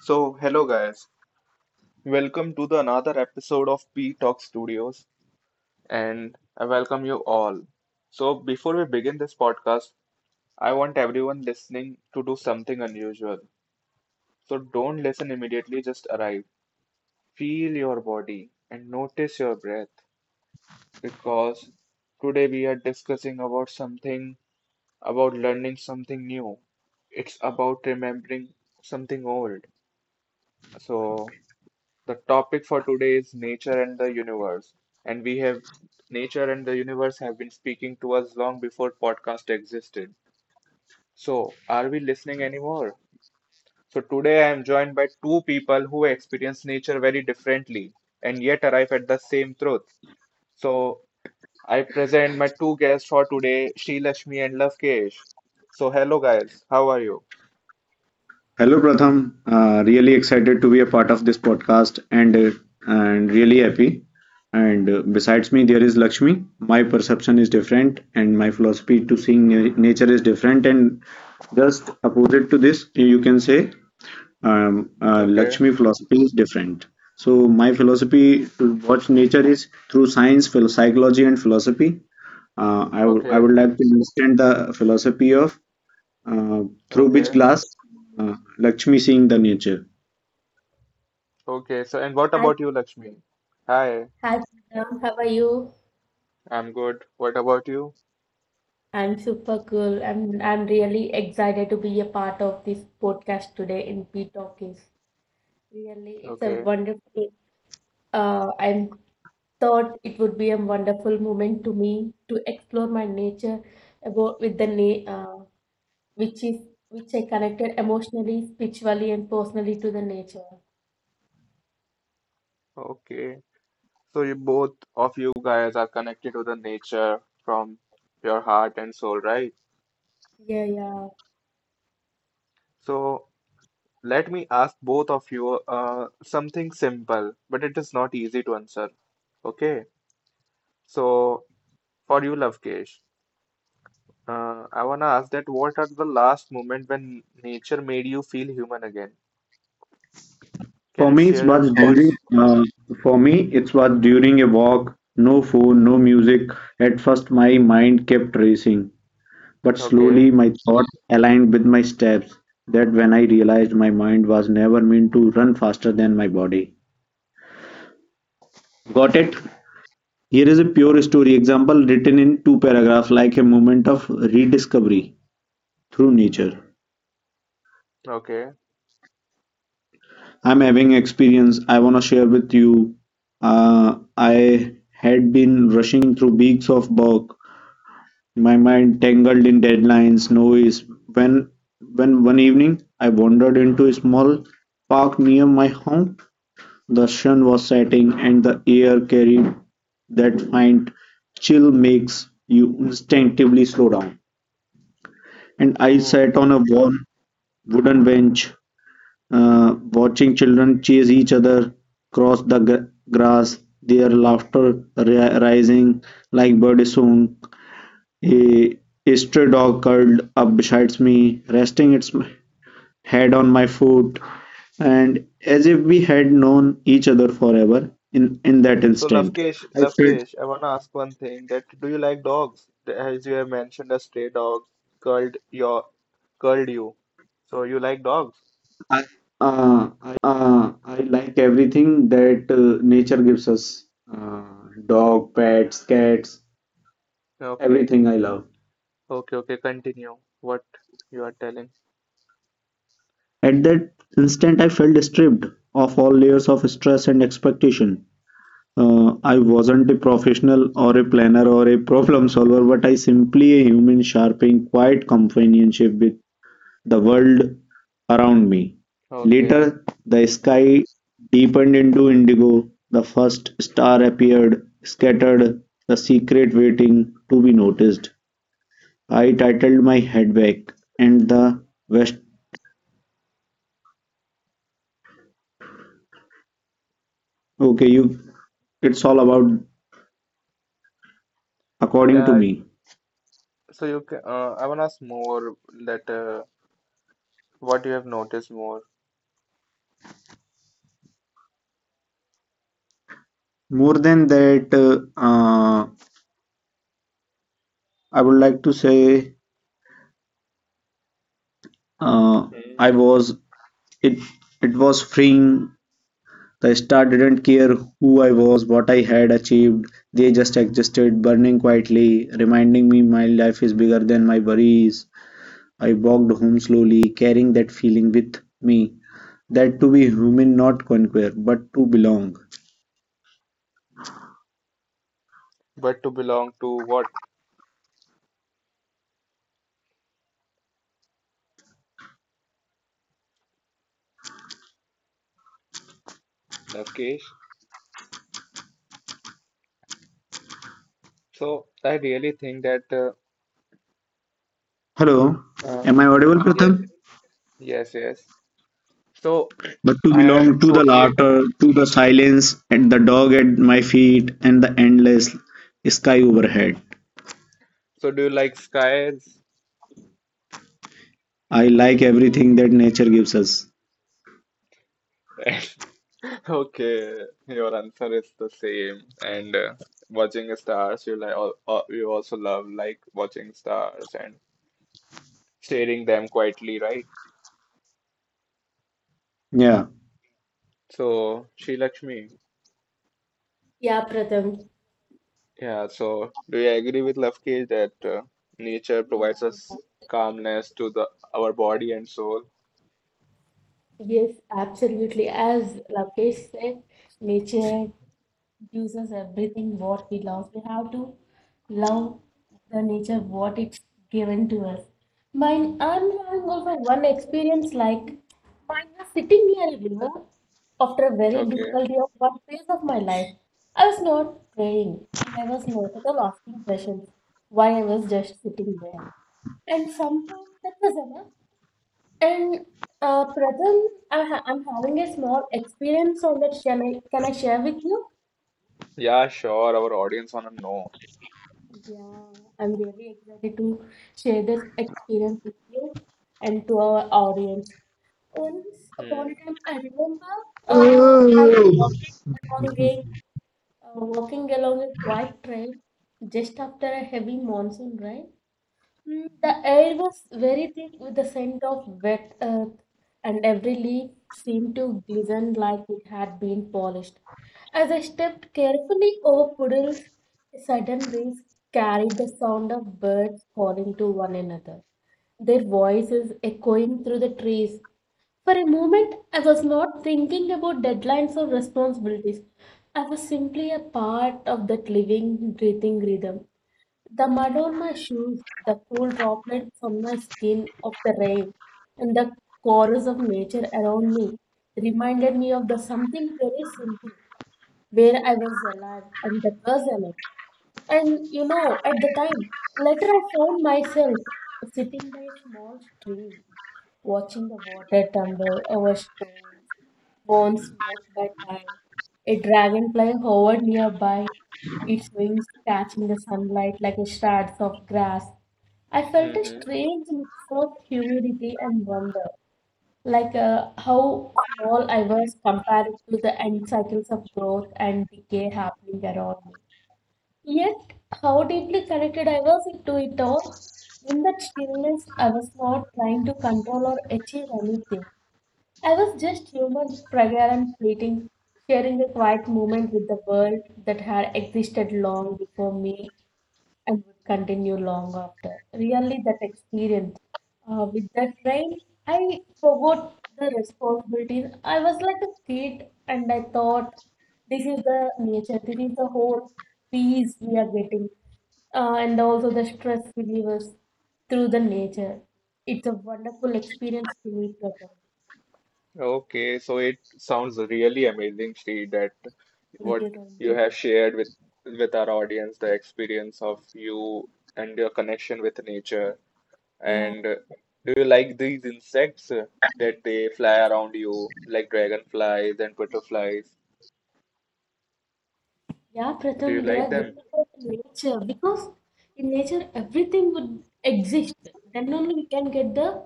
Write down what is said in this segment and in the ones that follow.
So, hello guys, welcome to the another episode of P Talk Studios, and I welcome you all. So, before we begin this podcast, I want everyone listening to do something unusual. So, don't listen immediately, just arrive. Feel your body and notice your breath because today we are discussing about something about learning something new. It's about remembering something old. So, the topic for today is nature and the universe, and we have nature and the universe have been speaking to us long before podcast existed. So, are we listening anymore? So today I am joined by two people who experience nature very differently and yet arrive at the same truth. So I present my two guests for today, Sri Lakshmi and Lavkesh. So hello guys, how are you? Hello, Pratham. Really excited to be a part of this podcast and really happy. And besides me, there is Lakshmi. My perception is different, and my philosophy to seeing nature is different, and just opposite to this, you can say Okay, Lakshmi philosophy is different. So my philosophy to watch nature is through science, psychology, and philosophy. I would I okay, would like to understand the philosophy of uh, through which okay, glass Lakshmi seeing the nature. okay. So and what Hi, about you, Lakshmi? Hi, hi, Poonam. How are you? I'm good. What about you? I'm super cool. I'm really excited to be a part of this podcast today in P Talkies. Really, it's a Okay, wonderful. I thought it would be a wonderful moment to me to explore my nature about with the na uh, which is which I connected emotionally, spiritually, and personally to the nature. okay. So you both of you guys are connected to the nature from your heart and soul, right? Yeah, yeah, So let me ask both of you something simple, but it is not easy to answer. Okay. So for you, Lavkesh, I wanna ask that what are the last moment when nature made you feel human again? Can For you me, it share your was during thoughts? uh, for me it was during a walk. No phone, no music. At first, my mind kept racing, but Okay. slowly my thoughts aligned with my steps. That when I realized my mind was never meant to run faster than my body. Got it? Hmm. Here is a pure story example written in two paragraphs, like a moment of rediscovery through nature. Okay. I'm having experience I wanna share with you. I had been rushing through weeks of work, my mind tangled in deadlines, noise. When when one evening I wandered into a small park near my home, the sun was setting and the air carried that faint chill makes you instinctively slow down. And I Oh. sat on a warm wooden bench, watching children chase each other across the grass, their laughter rising like bird song. A, a stray dog curled up beside me, resting its head on my foot, and as if we had known each other forever in that So instant. Lavkesh, I felt Lavkesh, I want to ask one thing that do you like dogs? As you have mentioned, a stray dog curled your curled you. So you like dogs? I, I like everything that nature gives us, uh, dog, pets, cats, Okay. everything I love. Okay, okay, continue what you are telling. At that instant I felt stripped of all layers of stress and expectation. I wasn't a professional or a planner or a problem solver, but I simply a human sharpening quiet companionship with the world around me. Okay. Later, the sky deepened into indigo. The first star appeared, scattered, the secret waiting to be noticed. I titled my head back, and the west. Okay, you. It's all about according to Yeah, me. I want to ask more that what you have noticed more. More than that, uh, I would like to say uh, Hmm. I was it. It was freeing. The star didn't care who I was, what I had achieved. They just existed, burning quietly, reminding me my life is bigger than my worries. I walked home slowly, carrying that feeling with me. That to be human, not conquer, but to belong. But to belong to what, Lavkesh? So I really think that Hello, uh, am I audible, yeah, Pratham? yes, yes. So But to I am belong to the totally laughter, to the silence, and the dog at my feet, and the endless sky overhead. so do you like skies? I like everything that nature gives us. Okay, your answer is the same. And watching stars, you also love like watching stars and staring them quietly, right? Yeah. So, Sri Lakshmi, yeah, Pratham. yeah. So, do you agree with Lafki that nature Yeah, provides us yeah, calmness to the our body and soul? yes, absolutely. As Lakesh said. Nature gives us everything what we love. We have to love the nature what it's given to us. Mine, I'm having also one experience like mine was sitting near a river after a very Okay. difficult year, one phase of my life. I was not praying and I was not at all asking questions why I was just sitting there. And somehow that was enough. And Pratham, I'm having a small experience on that. Shall I, can I share with you? Yeah, sure. Our audience wanna know. Yeah, I'm really excited to share this experience with you and to our audience. Once upon Hmm. a time, I remember, I'm along a walking along a quiet trail just after a heavy monsoon rain. The air was very thick with the scent of wet earth, and every leaf seemed to glisten like it had been polished. As I stepped carefully over puddles, a sudden breeze carried the sound of birds calling to one another, their voices echoing through the trees. For a moment, I was not thinking about deadlines or responsibilities. I was simply a part of that living, breathing rhythm. The mud on my shoes, the cool droplets on my skin of the rain, and the chorus of nature around me reminded me of the something very simple where I was alive and that was alive. And at the time, later I found myself sitting by a small stream watching the water tumble over stones, borne smoke by time. A dragonfly hovered nearby, its wings catching the sunlight like shards of grass. I felt a hmm. strange mix of humility and wonder, like how small I was compared to the end cycles of growth and decay happening around me. Yet, how deeply connected I was to it all. In that stillness, I was not trying to control or achieve anything. I was just human, fragile and fleeting, sharing a quiet moment with the world that had existed long before me and would continue long after. Really, that experience with that train, I forgot the responsibilities. I was like a kid, and I thought, this is the nature, this is the whole peace we are getting, and also the stress relievers through the nature. It's a wonderful experience to meet with them. Okay, so it sounds really amazing, Sri, that Thank what you, thank you you. have shared with our audience, the experience of you and your connection with nature. Yeah, And do you like these insects that they fly around you, like dragonflies and butterflies? yeah, Do you Pratham, they are like them? gifted by the nature because in nature everything would exist. Then only we can get the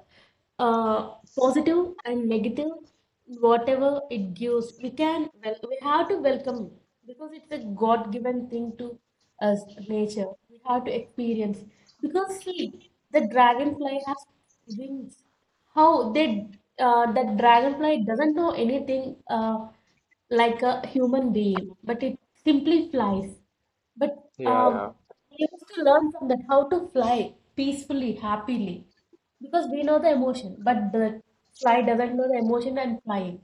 uh, positive and negative, whatever it gives. We can Well, we have to welcome it because it's a God-given thing to us, nature. We have to experience because see, the dragonfly has wings. How they that dragonfly doesn't know anything. Like a human being, but it simply flies. But Yeah, yeah, um, we used to learn from that how to fly peacefully, happily, because we know the emotion, but the fly doesn't know the emotion and flying.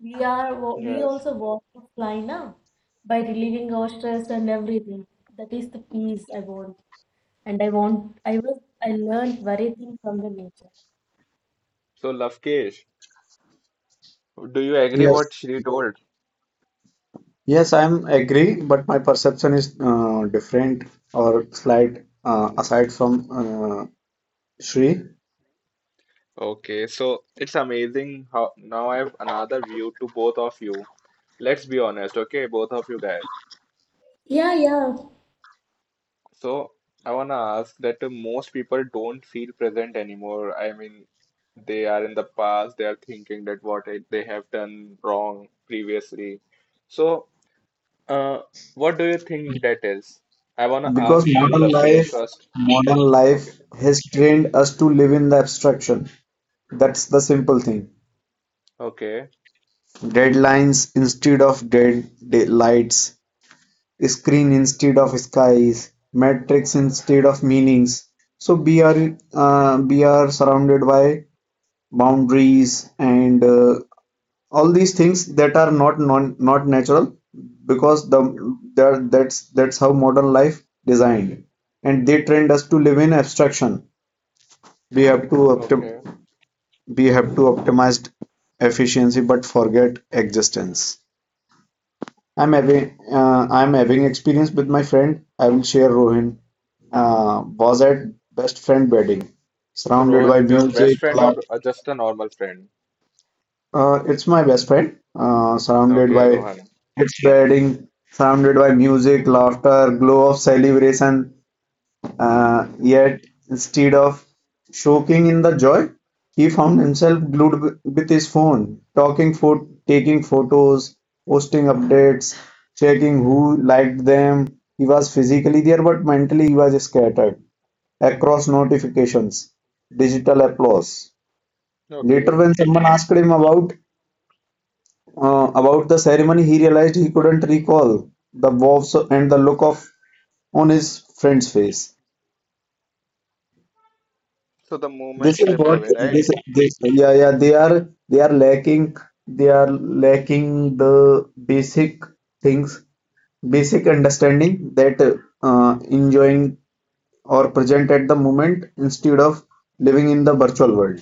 We yes. also want to fly now by relieving our stress and everything. That is the peace I want, and I want I was I learned very thing from the nature. So, Lavkesh, do you agree what Yes, Sri told? yes, I'm agree, but my perception is different or slight aside from uh, Shri Okay, so it's amazing how now I have another view to both of you. Let's be honest, okay, both of you guys. Yeah, yeah, So I wanna ask that most people don't feel present anymore. I mean, they are in the past, they are thinking that they have done wrong previously. So, uh, what do you think that is? I wanna because ask you, modern Lavkesh, life, first. modern Okay, life has trained us to live in the abstraction. That's the simple thing. okay, Deadlines instead of dead day lights, screen instead of skies, matrix instead of meanings. So we are surrounded by boundaries and all these things that are not not natural because the that that's how modern life designed and they trained us to live in abstraction. We have to optim- okay. we have to optimize efficiency but forget existence. I'm having experience with my friend. I will share Rohin. Was at best friend wedding, So surrounded Rohan by is your best music, friend loud. or just a normal friend? It's my best friend. Surrounded by Okay, Rohan. its wedding, surrounded by music, laughter, glow of celebration. Yet, instead of soaking in the joy, he found himself glued with his phone, talking for taking photos, posting updates, checking who liked them. He was physically there, but mentally he was scattered across notifications, digital applause. Later, Okay. when someone asked him about the ceremony, he realized he couldn't recall the vows and the look of on his friend's face. So the moment This is slipped what away, right? this this. Yeah, yeah, they are lacking the basic things, basic understanding that enjoying or present at the moment instead of living in the virtual world.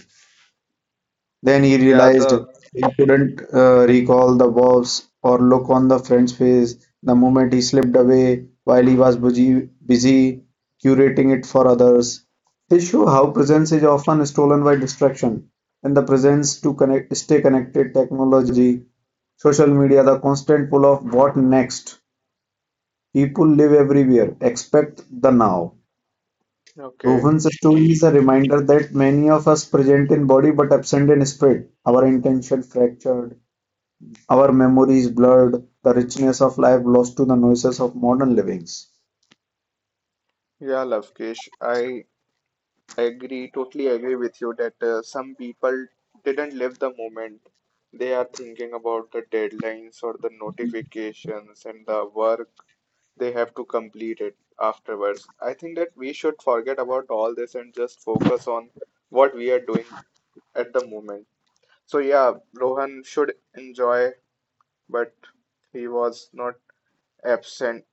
Then he Yeah, realized the he couldn't recall the boss or look on the friend's face the moment he slipped away while he was busy curating it for others. His show how presence is often stolen by distraction. In the presence to connect, stay connected, technology, social media, the constant pull of what next. People live everywhere, expect the now. okay. Rohan's story is a reminder that many of us present in body but absent in spirit. Our intention fractured, our memory is blurred, the richness of life lost to the noises of modern livings. Yeah, Lovekish, I agree, totally agree with you that some people didn't live the moment. They are thinking about the deadlines or the notifications and the work they have to complete it afterwards. I think that we should forget about all this and just focus on what we are doing at the moment. So yeah, Rohan should enjoy, but he was not absent.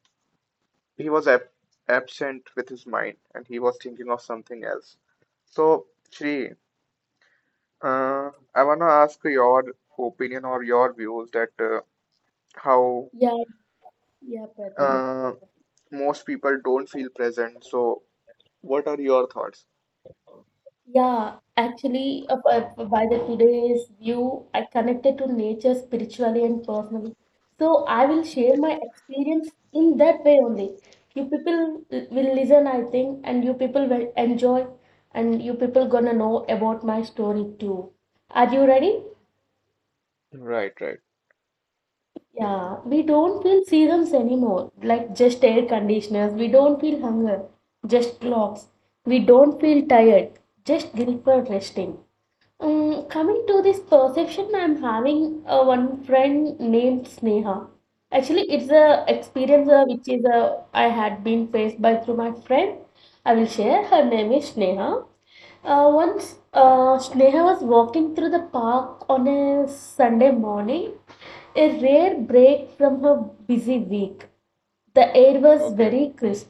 He was absent with his mind and he was thinking of something else. So, Shri, I want to ask your opinion or your views that how yeah, yeah, Pratham. uh, most people don't feel present. So, what are your thoughts? Yeah, actually, by the today's view, I connected to nature spiritually and personally. So I will share my experience in that way only. You people will listen, I think, and you people will enjoy, and you people gonna know about my story too. Are you ready? Right, right. Yeah, we don't feel seasons anymore, like just air conditioners. We don't feel hunger, just clocks. We don't feel tired, just guilt for resting. Coming to this perception, I'm having one friend named Sneha. Actually, it's a experience which is I had been faced by through my friend. I will share. Her name is Sneha. Once Sneha was walking through the park on a Sunday morning, a rare break from her busy week. The air was Okay. very crisp.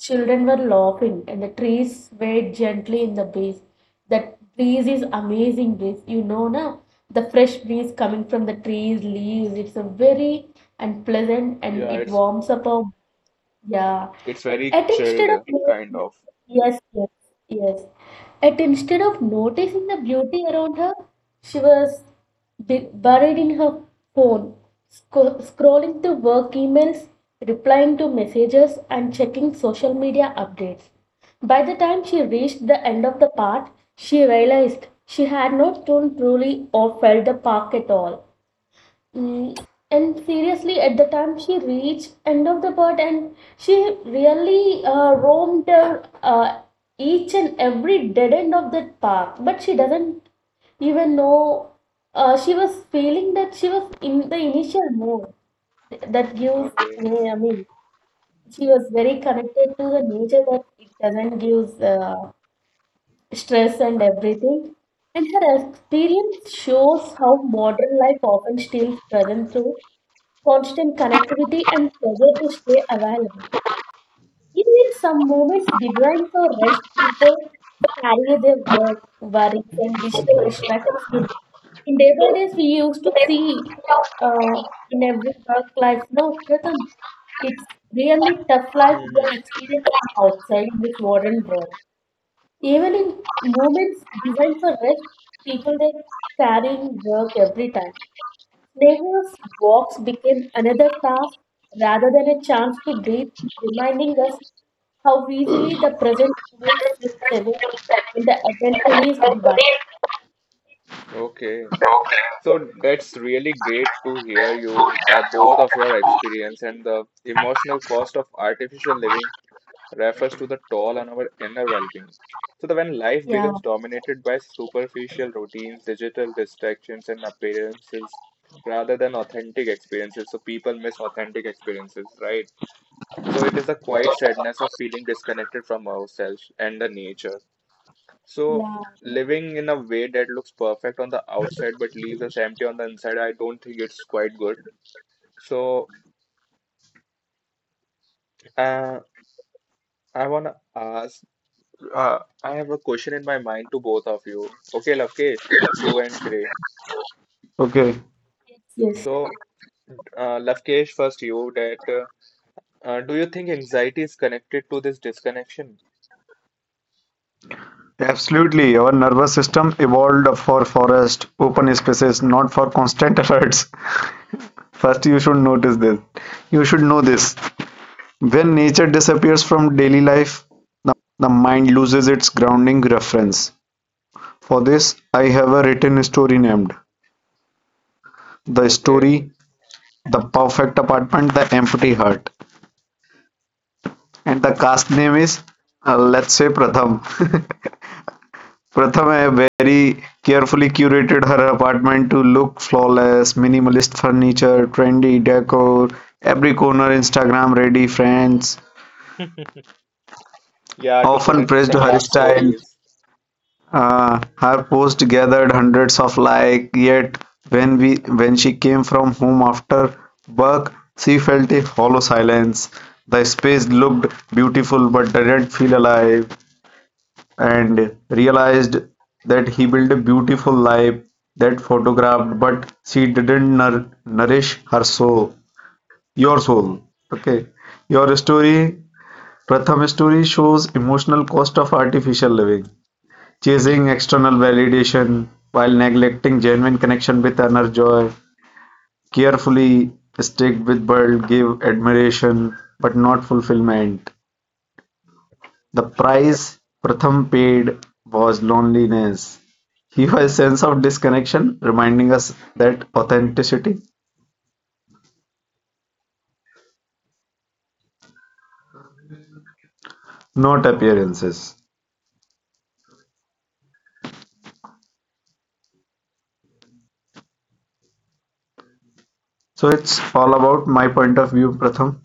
Children were laughing, and the trees swayed gently in the breeze. That breeze is amazing breeze, you know, na? The fresh breeze coming from the trees, leaves. It's a very and pleasant, and Yeah, it it's warms up our yeah. it's very At instead chilled, of no- kind of. Yes, yes, yes. At instead of noticing the beauty around her, she was buried in her phone, scrolling through work emails, replying to messages, and checking social media updates. By the time she reached the end of the path, she realized she had not turned truly or felt the park at all. Mm, and seriously, at the time she reached end of the bird, and she really roamed each and every dead end of that park. But she doesn't even know. She was feeling that she was in the initial mode that gives. Okay. I mean, she was very connected to the nature that it doesn't give stress and everything. And her experience shows how modern life often steals present through constant connectivity and pressure to stay available. Even in some moments designed for rest, people carry their work, worries, and digital distractions with them. In day by days, we used to see uh, in every work life, no, Pratham, it's really tough life we are hmm. experiencing outside in this modern world. Even in moments designed for rest, people they carrying work every time. Snail's walks became another task rather than a chance to breathe, reminding us how easily the present moment slips away when the attention is divine. Okay. So that's really great to hear you by both of your experience and the emotional cost of artificial living refers to the toll on our inner well-being. So that when life Yeah, becomes dominated by superficial routines, digital distractions, and appearances rather than authentic experiences, so people miss authentic experiences, right? So it is a quiet sadness of feeling disconnected from ourselves and the nature. So yeah, living in a way that looks perfect on the outside but leaves us empty on the inside, I don't think it's quite good. So uh, I wanna ask I have a question in my mind to both of you. Okay, Lavkesh, you and Shrey. Okay, yes, So, Lavkesh, first you that do you think anxiety is connected to this disconnection? absolutely. Our nervous system evolved for forest, open spaces, not for constant efforts. First, you should notice this. You should know this. When nature disappears from daily life, the mind loses its grounding reference. For this, I have a written story named The Okay. Story, The Perfect Apartment, The Empty Heart. And the cast name is, let's say, Pratham. Pratha very carefully curated her apartment to look flawless: minimalist furniture, trendy decor, every corner Instagram-ready. Friends Yeah, to put often praised her Instagram style. stories. Her post gathered hundreds of likes. Yet when we when she came from home after work, she felt a hollow silence. The space looked beautiful but didn't feel alive. And realized that he built a beautiful life that photographed, but she didn't nourish her soul, your soul. Okay, your story, Pratham story shows emotional cost of artificial living, chasing external validation while neglecting genuine connection with inner joy, carefully stick with world, give admiration but not fulfillment. The price Pratham paid was loneliness. He was a sense of disconnection, reminding us that authenticity, not appearances. So it's all about my point of view, Pratham.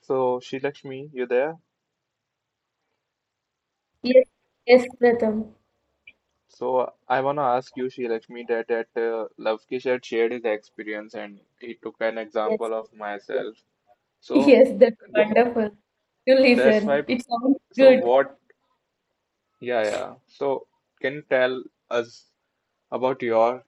So, Shree you there? yes, yes, Pratham, So, I want to ask you, Shree Lakshmi, that Lavkesh had shared his experience and he took an yes, example of myself. So, yes, that's th- wonderful to that's listen. why. It sounds So, good. what Yeah, yeah. So, can you tell us about your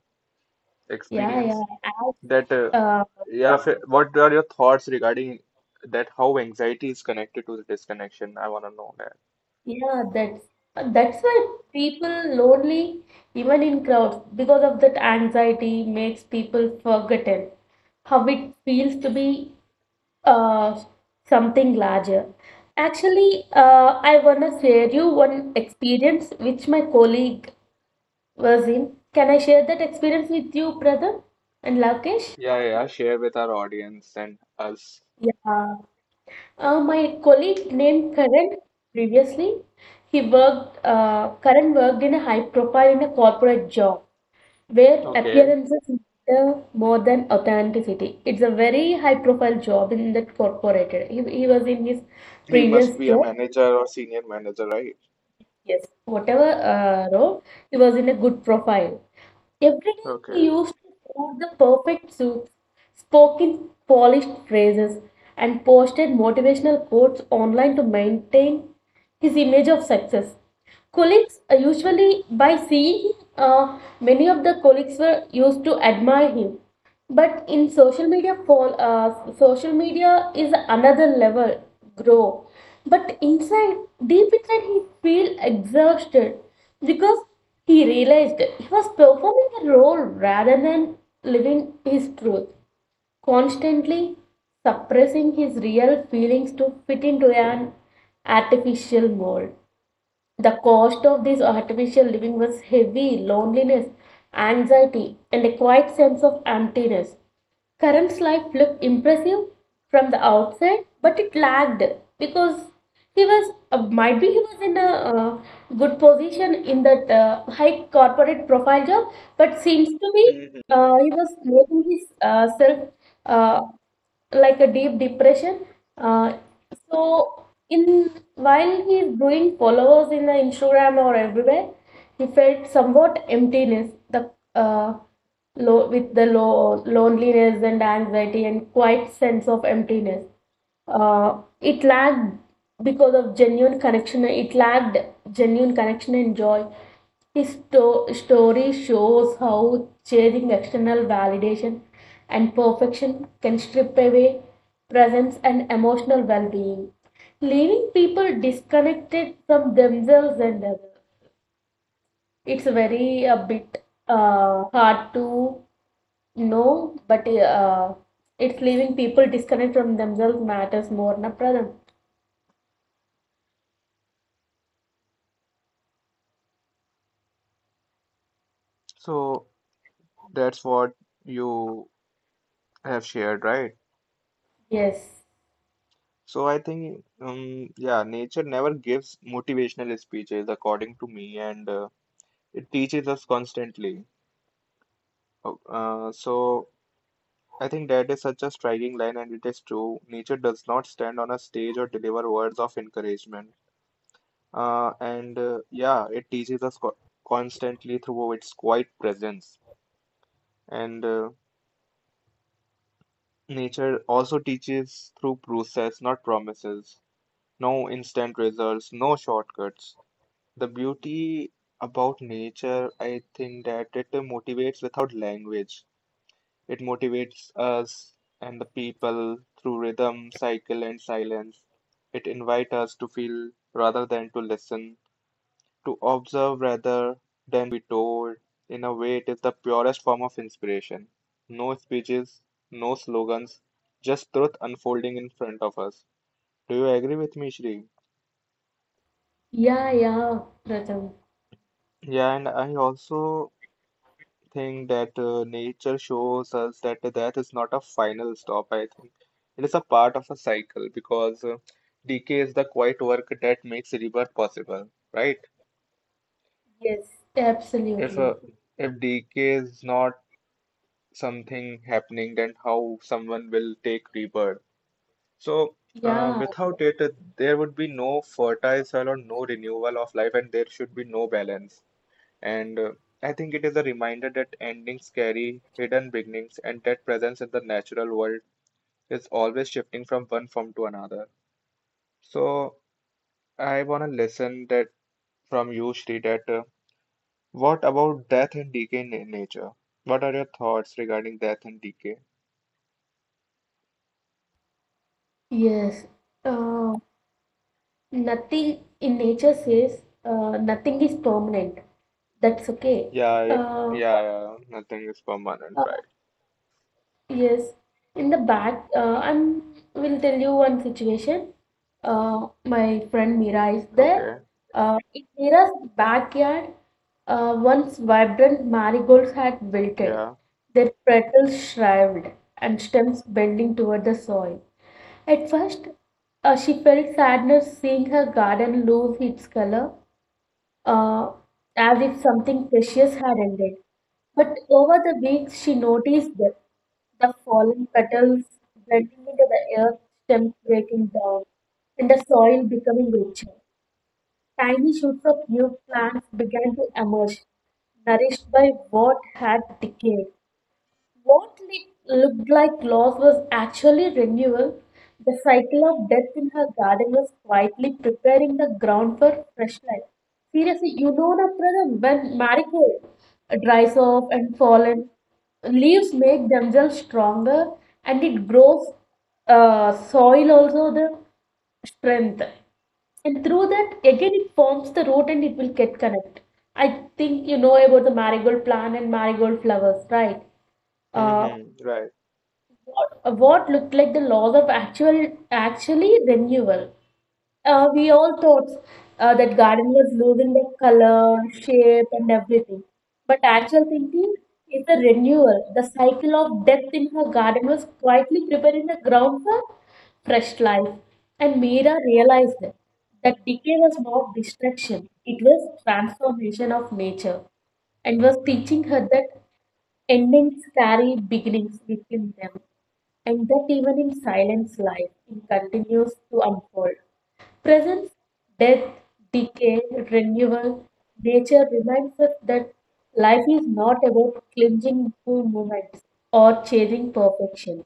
Yeah, yeah, experience as that, uh, yeah, what are your thoughts regarding that? How anxiety is connected to the disconnection? I want to know that. yeah, that's why people lonely even in crowds because of that anxiety makes people forgotten how it feels to be uh, something larger. Actually, I wanna share you one experience which my colleague was in. Can I share that experience with you, brother and Lakesh? Yeah, yeah, share with our audience and us. Yeah. My colleague named Karan previously, Karan worked in a high profile in a corporate job where Okay. appearances matter more than authenticity. It's a very high profile job in that corporate. He was in his He previous must be a job. manager or senior manager, right? Yes, whatever role, he was in a good profile. Every day he Okay. used to cook the perfect soups, spoke in polished phrases, and posted motivational quotes online to maintain his image of success. Colleagues usually, by seeing him, many of the colleagues were used to admire him. But in social media, social media is another level grow. But inside, deep inside, he feel exhausted because he realized he was performing a role rather than living his truth. Constantly suppressing his real feelings to fit into an artificial mold. The cost of this artificial living was heavy loneliness, anxiety, and a quiet sense of emptiness. Karan's life looked impressive from the outside, but it lagged because he was might be he was in a uh, good position in that high corporate profile job, but seems to be Mm-hmm. He was making his self uh, like a deep depression. Uh, so in while he's doing followers in the Instagram or everywhere, he felt somewhat emptiness. With the loneliness and anxiety and quiet sense of emptiness. It lacked because of genuine connection. It lacked genuine connection and joy. His story shows how chasing external validation and perfection can strip away presence and emotional well-being, leaving people disconnected from themselves and others. It's very a bit hard to know, but it's leaving people disconnect from themselves matters more, na Pratham? So that's what you have shared, right? Yes. So I think, yeah, nature never gives motivational speeches, according to me, and. It teaches us constantly. Oh, so I think that is such a striking line, and it is true. Nature does not stand on a stage or deliver words of encouragement. And yeah, it teaches us co constantly through its quiet presence. And nature also teaches through process, not promises. No instant results, no shortcuts. The beauty about nature, I think that it motivates without language. It motivates us and the people through rhythm, cycle, and silence. It invites us to feel rather than to listen, to observe rather than to be told. In a way, it is the purest form of inspiration. No speeches, no slogans, just truth unfolding in front of us. Do you agree with me, Shri? Yeah, yeah, Pratham. Yeah, and I also Thing that nature shows us that that is not a final stop, I think. It is a part of a cycle because decay is the quiet work that makes rebirth possible, right? Yes, If absolutely. uh, if decay is not something happening, then how someone will take rebirth? So Yeah, without it, there would be no fertile soil or no renewal of life, and there should be no balance. And I think it is a reminder that endings carry hidden beginnings and that presence in the natural world is always shifting from one form to another. So I want to listen that from you, Shri, that what about death and decay in nature? What are your thoughts regarding death and decay? yes. Uh, Nothing in nature says nothing is permanent. That's okay. Yeah, yeah, Uh, yeah, yeah, nothing is permanent, uh, right? Yes, in the back, I'm will tell you one situation. My friend Mira is there. Okay, In Mira's backyard, once vibrant marigolds had wilted, yeah. their petals shriveled and stems bending toward the soil. At first, she felt sadness seeing her garden lose its color, uh, as if something precious had ended. But over the weeks, she noticed that the fallen petals blending into the earth, stems breaking down, and the soil becoming richer. Tiny shoots of new plants began to emerge, nourished by what had decayed. What looked like loss was actually renewal. The cycle of death in her garden was quietly preparing the ground for fresh life. Seriously, you know the problem when marigold dries off and fallen, leaves make themselves stronger and it grows soil also the strength. And through that, again, it forms the root and it will get connect. I think you know about the marigold plant and marigold flowers, right? uh, Mm-hmm, right. what looked like the laws of actually renewal. We all thought that garden was losing the color, shape, and everything. But actual thinking is the renewal. The cycle of death in her garden was quietly preparing the ground for fresh life. And Meera realized that, that decay was not destruction, it was transformation of nature and was teaching her that endings carry beginnings within them, and that even in silence life it continues to unfold. Presence, death, decay, renewal, nature reminds us that life is not about clinging to moments or chasing perfection.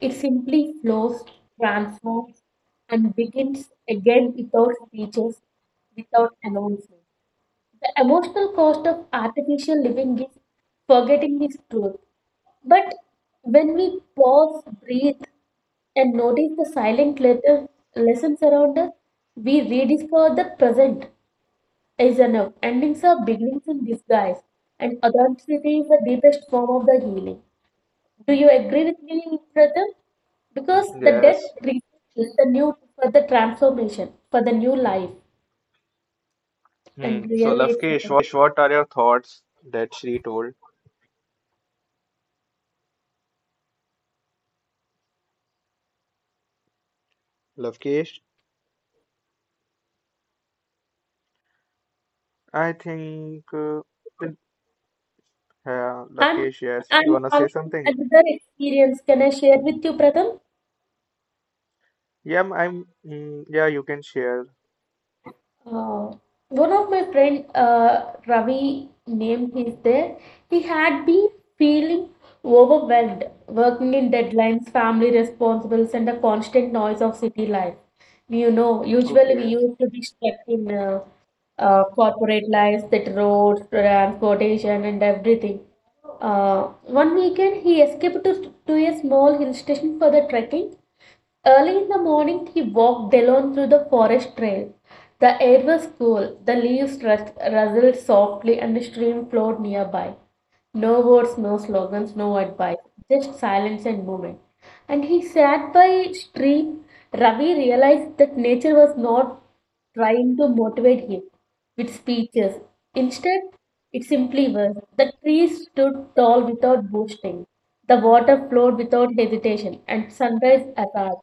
It simply flows, transforms, and begins again without speeches, without announcement. The emotional cost of artificial living is forgetting his truth. But when we pause, breathe, and notice the silent lessons around us, we rediscover the present is enough. Endings are beginnings in disguise, and authenticity is the deepest form of the healing. Do you agree with me, brother? Because the death Yes. reason is the new for the transformation, for the new life, and Hmm. So, really, it's Lavkesh, life. what are your thoughts that Shri told? Lavkesh? I think I'm Lakesh, yes, you I'm wanna say having something? another experience. Can I share with you, Pratham? Yeah, yeah, you can share. Uh, One of my friend, Ravi, name is there. He had been feeling overwhelmed, working in deadlines, family responsibilities, and the constant noise of city life. Usually we Okay. used to be stuck in corporate life, that roads, transportation, and everything. One weekend, he escaped to, a small hill station for the trekking. Early in the morning, he walked alone through the forest trail. The air was cool, the leaves rustled softly, and a stream flowed nearby. No words, no slogans, no advice, just silence and movement. And he sat by stream. Ravi realized that nature was not trying to motivate him with speeches. Instead, it simply was. The trees stood tall without boasting. The water flowed without hesitation, and sunrise arrived.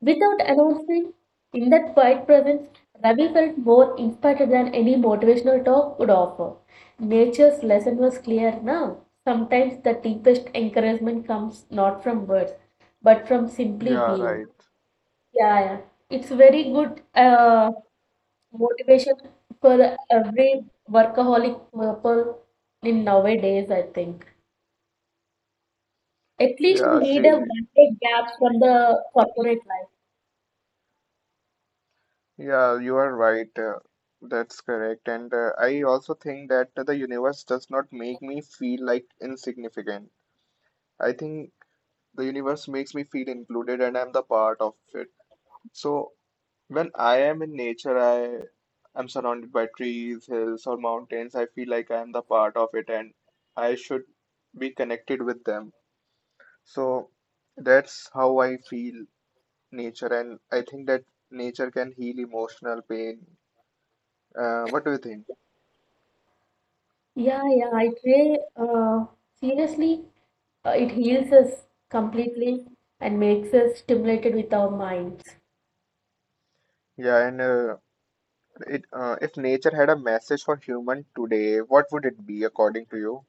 Without announcing, in that quiet presence, Ravi felt more inspired than any motivational talk would offer. Nature's lesson was clear now. Sometimes the deepest encouragement comes not from words, but from simply Yeah, being. right. Yeah, yeah. It's very good motivation for every workaholic person in nowadays, I think. At least we Yeah, need a Shri. one day gap from the corporate life. Yeah, you are right. That's correct. And I also think that the universe does not make me feel like insignificant. I think the universe makes me feel included and I'm the part of it. So when I am in nature, I am surrounded by trees, hills, or mountains. I feel like I am the part of it and I should be connected with them. So that's how I feel nature, and I think that nature can heal emotional pain. What do you think? Yeah, yeah, I pray seriously, it heals us completely and makes us stimulated with our minds. Yeah, and it if nature had a message for human today, what would it be according to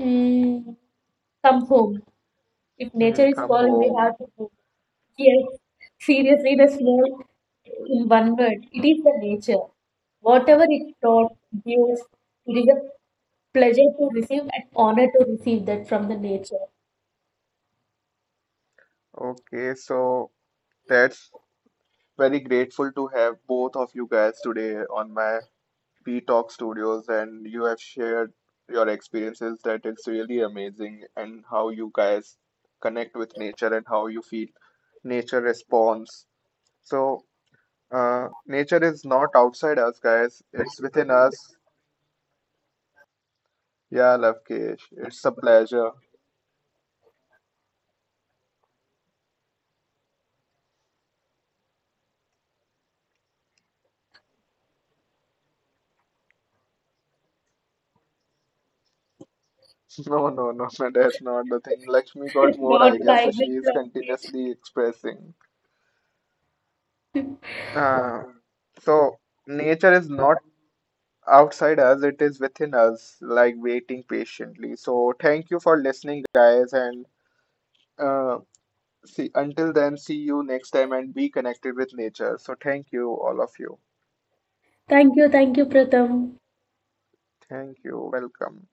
Mm, Come home. If nature you? is Come calling, we home. have to go. Yes, seriously, the small in one word, it is the nature. Whatever it taught, gives, it is a pleasure to receive and honor to receive that from the nature. Okay, so that's very grateful to have both of you guys today on my P Talk Studios, and you have shared your experiences that it's really amazing and how you guys connect with nature and how you feel nature responds. So, nature is not outside us, guys. It's within us. Yeah, Lavkesh, it's a pleasure. No, no, no, no, that's not the thing. Lakshmi got more Not ideas, so like she this is language. continuously expressing. Uh, so, nature is not outside us, it is within us, like waiting patiently. So, thank you for listening, guys. And uh, see, until then, see you next time and be connected with nature. So, thank you, all of you. Thank you, Pratham. Thank you. Welcome.